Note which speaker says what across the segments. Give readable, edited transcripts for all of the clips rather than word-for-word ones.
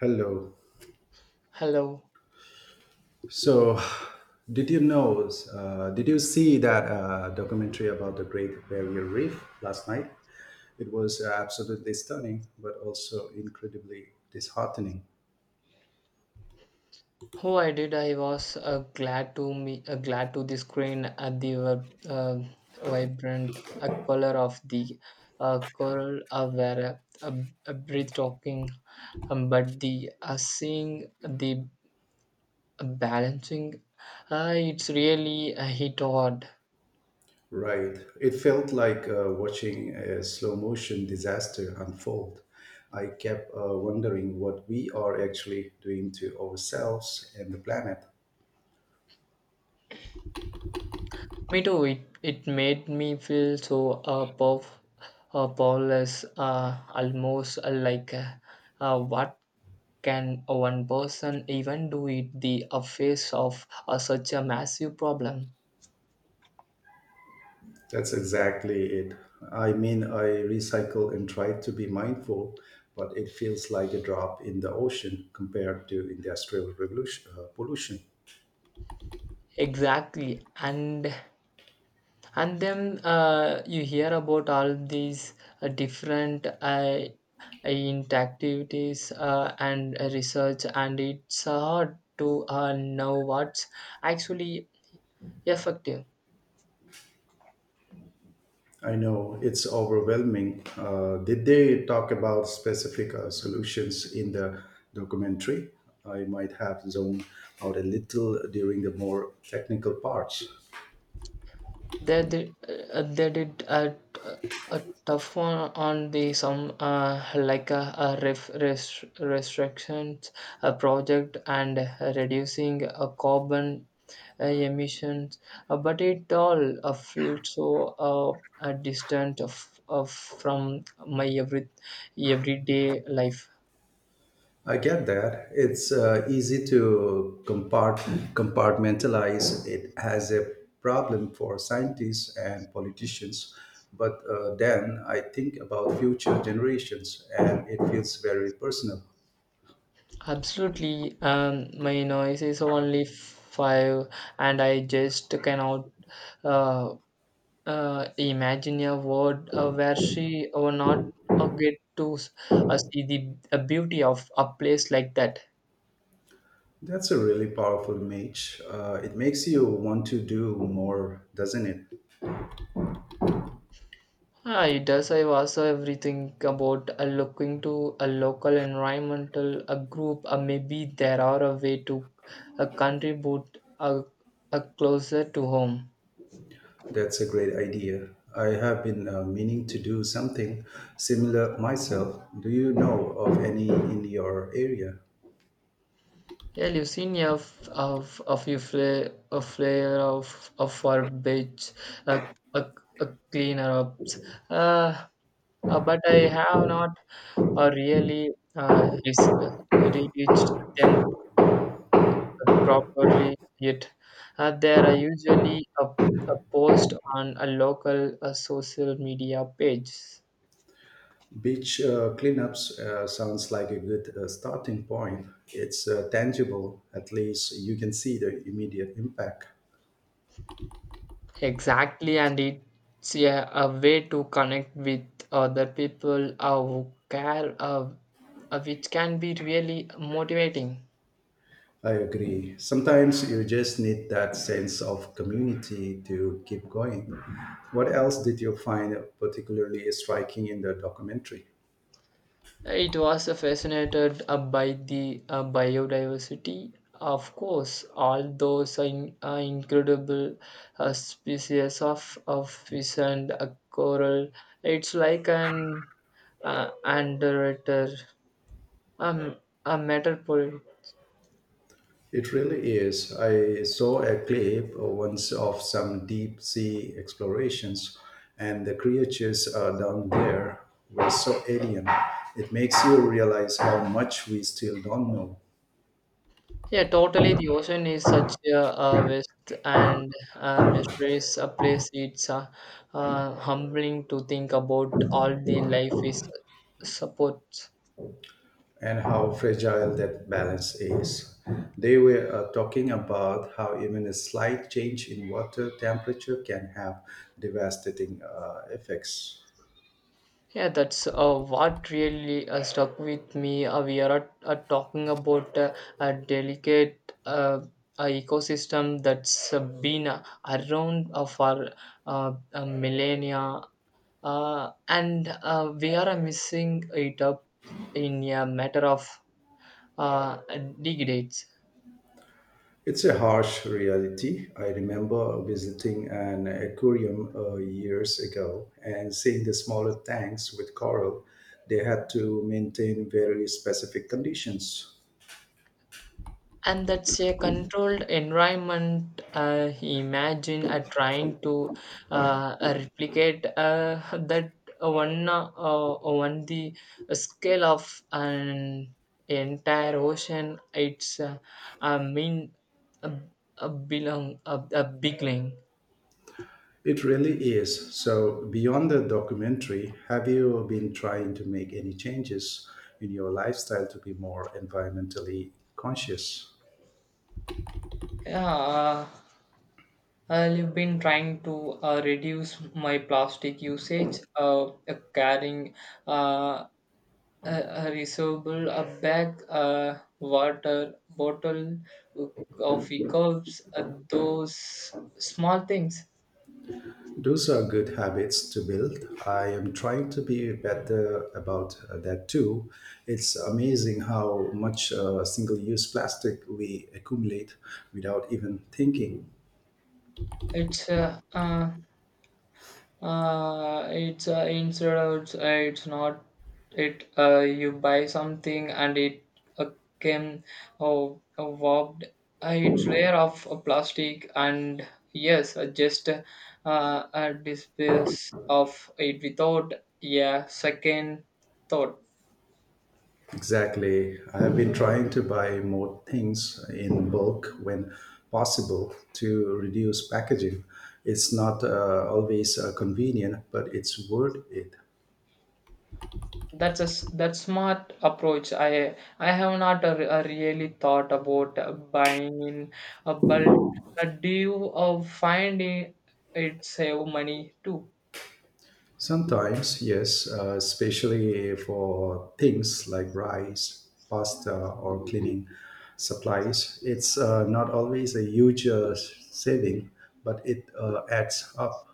Speaker 1: Hello.
Speaker 2: Hello.
Speaker 1: So, did you know? Did you see that documentary about the Great Barrier Reef last night? It was absolutely stunning, but also incredibly disheartening.
Speaker 2: Oh, I did. I was glad to me glad to the screen at the web, uh, vibrant color of the coral were breathtaking, but the seeing the balancing, it's really a hit hard.
Speaker 1: Right. It felt like watching a slow motion disaster unfold. I kept wondering what we are actually doing to ourselves and the planet.
Speaker 2: Me too. It made me feel so powerless, almost like what can one person even do it the a face of such a massive problem?
Speaker 1: That's exactly it. I mean, I recycle and try to be mindful, but it feels like a drop in the ocean compared to industrial revolution, pollution.
Speaker 2: Exactly, and then you hear about all these different interactivities and research, and it's hard to know what's actually effective.
Speaker 1: I know it's overwhelming. Did they talk about specific solutions in the documentary? I might have zoned out a little during the more technical parts.
Speaker 2: They did uh, they did a, a tough one on the some like a restrictions a project and reducing carbon emissions, but it all felt so distant of from my everyday life.
Speaker 1: I get that. It's easy to compartmentalize it as a problem for scientists and politicians. But then I think about future generations and it feels very personal.
Speaker 2: Absolutely, my noise is only 5, and I just cannot. Uh, Imagine a world where she or not uh, get to s- see the beauty of a place like that.
Speaker 1: That's a really powerful image. It makes you want to do more, doesn't it?
Speaker 2: Ah, it does. I also everything about looking to a local environmental a group. Maybe there are a way to contribute closer to home.
Speaker 1: That's a great idea. I have been meaning to do something similar myself. Do you know of any in your area?
Speaker 2: Yeah, Lucinia of you flare a flare of our bitch a cleaner up. Uh, but I have not really reached them properly yet. There are usually a post on a local social media page.
Speaker 1: Beach cleanups sounds like a good starting point. It's tangible, at least you can see the immediate impact.
Speaker 2: Exactly, and it's a way to connect with other people who care, which can be really motivating.
Speaker 1: I agree. Sometimes you just need that sense of community to keep going. What else did you find particularly striking in the documentary?
Speaker 2: It was fascinated by the biodiversity, of course, all those incredible species of fish and coral. It's like an underrated, um, a metaphor.
Speaker 1: It really is. I saw a clip once of some deep sea explorations, and the creatures down there were so alien. It makes you realize how much we still don't know
Speaker 2: Yeah, totally. The ocean is such a vast and mysterious a place. It's humbling to think about all the life is supports.
Speaker 1: and how fragile that balance is. They were talking about how even a slight change in water temperature can have devastating effects.
Speaker 2: Yeah, that's what really stuck with me. We are talking about a delicate ecosystem that's been around for millennia, and we are missing it up in a matter of uh, degrades.
Speaker 1: It's a harsh reality. I remember visiting an aquarium years ago and seeing the smaller tanks with coral. They had to maintain very specific conditions.
Speaker 2: And that's a controlled environment. Imagine trying to replicate that one on the scale of an entire ocean. It's I mean a, a belong a beginning.
Speaker 1: It really is. So, beyond the documentary, have you been trying to make any changes in your lifestyle to be more environmentally conscious?
Speaker 2: Yeah, uh, I've been trying to reduce my plastic usage, carrying uh, a reusable a bag a water bottle coffee cups, those small things.
Speaker 1: Those are good habits to build. I am trying to be better about that too. It's amazing how much single use plastic we accumulate without even thinking.
Speaker 2: It's instead of it's not it you buy something and it uh, came, oh, warped, it's layer of plastic and yes, just a disperse of it without, yeah, second thought.
Speaker 1: Exactly. I have been trying to buy more things in bulk when possible to reduce packaging. It's not always convenient, but it's worth it.
Speaker 2: That's a s- that's smart approach. I have not really thought about buying in a bulk. But do you find it save money too?
Speaker 1: Sometimes, yes, especially for things like rice, pasta, or cleaning supplies. It's not always a huge saving, but it adds up.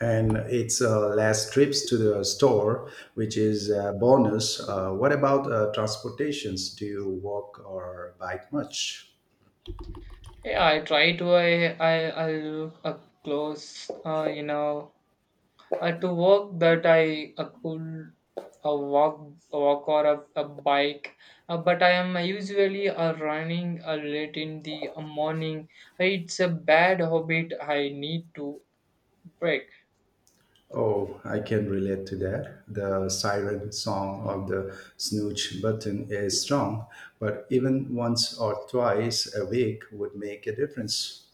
Speaker 1: And it's less trips to the store, which is a bonus. What about transportations? Do you walk or bike much?
Speaker 2: Yeah, I try to. I look close. You know, to work that I could a walk or a bike. But I am usually running late in the morning. It's a bad habit. I need to break.
Speaker 1: Oh, I can relate to that. The siren song of the snooch button is strong, but even once or twice a week would make a difference.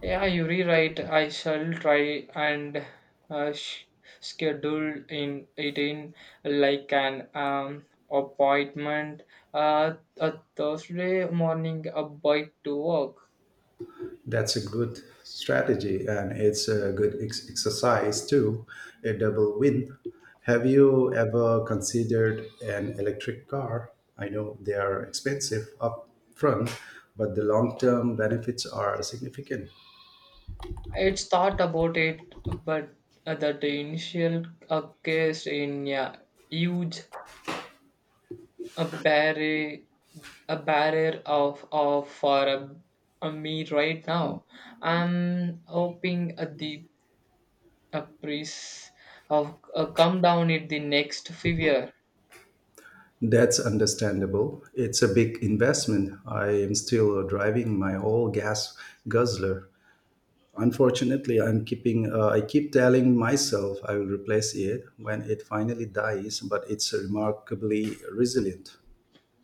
Speaker 2: Yeah, you're right. I shall try and uh, sh- schedule in it in like an appointment, uh, a Thursday morning a bike to work.
Speaker 1: That's a good strategy and it's a good exercise too, a double win. Have you ever considered an electric car? I know they are expensive up front, but the long term benefits are significant.
Speaker 2: It's thought about it, but that the initial case in a huge a barrier a barrier of for a me right now. I'm hoping the a priest of come down it the next figure.
Speaker 1: That's understandable. It's a big investment. I am still driving my old gas guzzler. Unfortunately, I keep telling myself I will replace it when it finally dies, but it's remarkably resilient.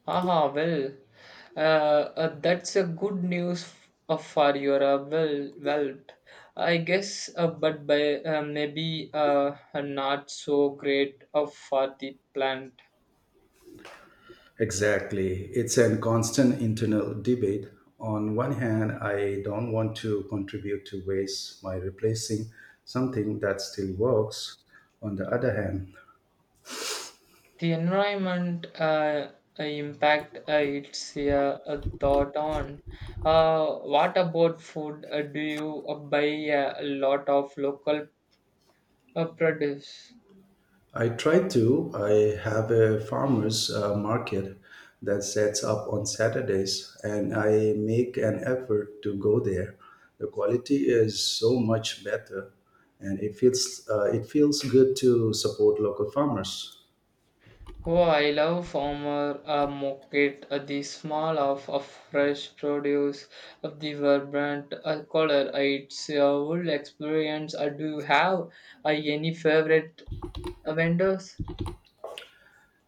Speaker 2: Aha, well, that's a good news for your well, well I guess, but by maybe not so great for the plant,
Speaker 1: Exactly. It's a constant internal debate. On one hand, I don't want to contribute to waste by replacing something that still works. On the other hand,
Speaker 2: the environment impact, it's a thought on. uh, what about food, do you buy a lot of local produce?
Speaker 1: I try to. I have a farmers market that sets up on Saturdays, and I make an effort to go there. The quality is so much better, and it feels good to support local farmers.
Speaker 2: Oh, I love farmer market, the smell of fresh produce, of the vibrant color. It's a whole experience. Do you have any favorite vendors?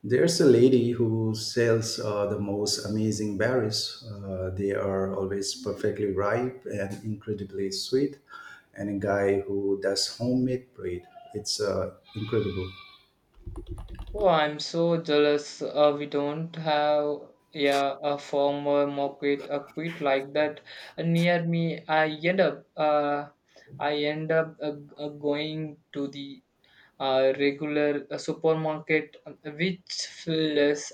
Speaker 1: There's a lady who sells the most amazing berries. They are always perfectly ripe and incredibly sweet. And a guy who does homemade bread. It's incredible.
Speaker 2: Oh, I'm so jealous. We don't have, yeah, a former market a quit like that near me. I end up going to the regular supermarket, which feels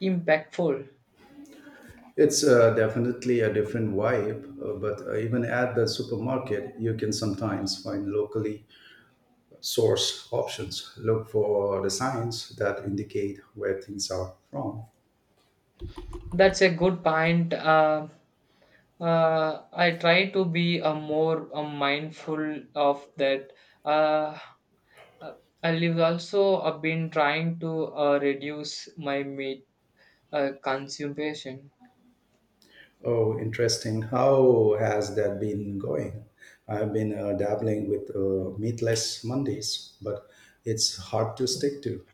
Speaker 2: impactful.
Speaker 1: It's definitely a different vibe, but even at the supermarket, you can sometimes find locally sourced options. Look for the signs that indicate where things are from.
Speaker 2: That's a good point. I try to be a more mindful of that. Uh, Uh, I've also been trying to reduce my meat consumption.
Speaker 1: Oh, interesting. How has that been going? I've been dabbling with meatless Mondays, but it's hard to stick to.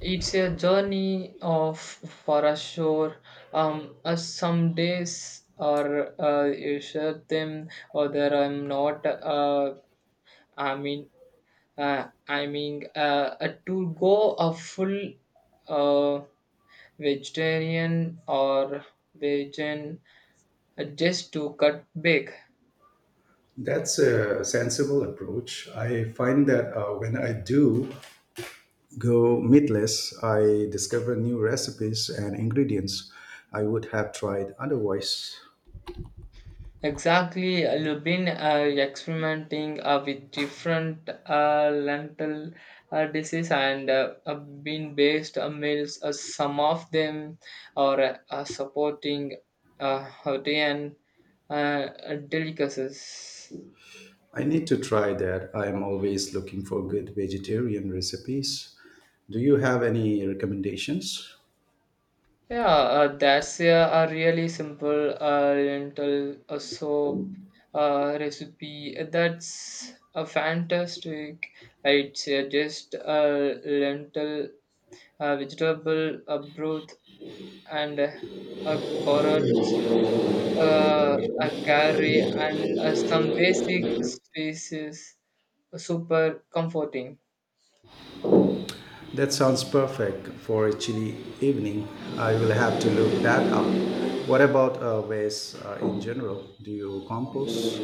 Speaker 2: It's a journey of for a sure. Some days are you shut them, other I'm not. I mean, I mean, to go a full uh, vegetarian or vegan, just to cut back.
Speaker 1: That's a sensible approach. I find that when I do, go meatless, I discover new recipes and ingredients I would have tried otherwise.
Speaker 2: Exactly, I've been experimenting with different lentil disease and bean based meals. Some of them are supporting Hawaiian delicacies.
Speaker 1: I need to try that. I am always looking for good vegetarian recipes. Do you have any recommendations?
Speaker 2: Yeah, that's, yeah, a really simple lentil soup recipe. That's a fantastic. It's just a lentil, a vegetable, a broth, and a carrot, a curry, and some basic spices. Super comforting.
Speaker 1: That sounds perfect for a chilly evening. I will have to look that up. What about waste in general? Do you compost?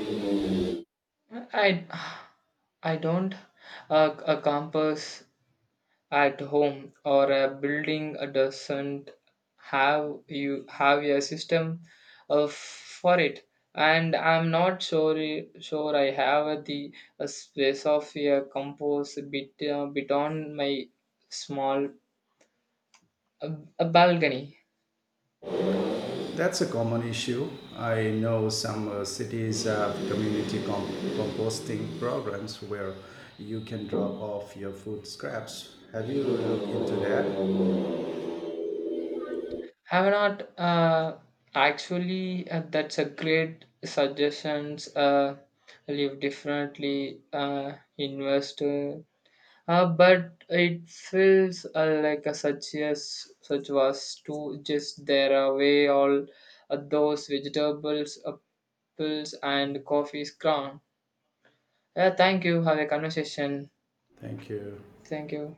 Speaker 2: I I don't a compass at home or a building doesn't have you have a system for it, and I'm not sure I have the space of a compost bit on my small uh, a balcony.
Speaker 1: That's a common issue. I know some cities have community composting programs where you can drop off your food scraps. Have you looked into that?
Speaker 2: Have not actually, that's a great suggestions, live differently invest. But it feels like a such as such was to just there away all those vegetables, apples, and coffees crown. Yeah, thank you. Have a conversation.
Speaker 1: Thank you.
Speaker 2: Thank you.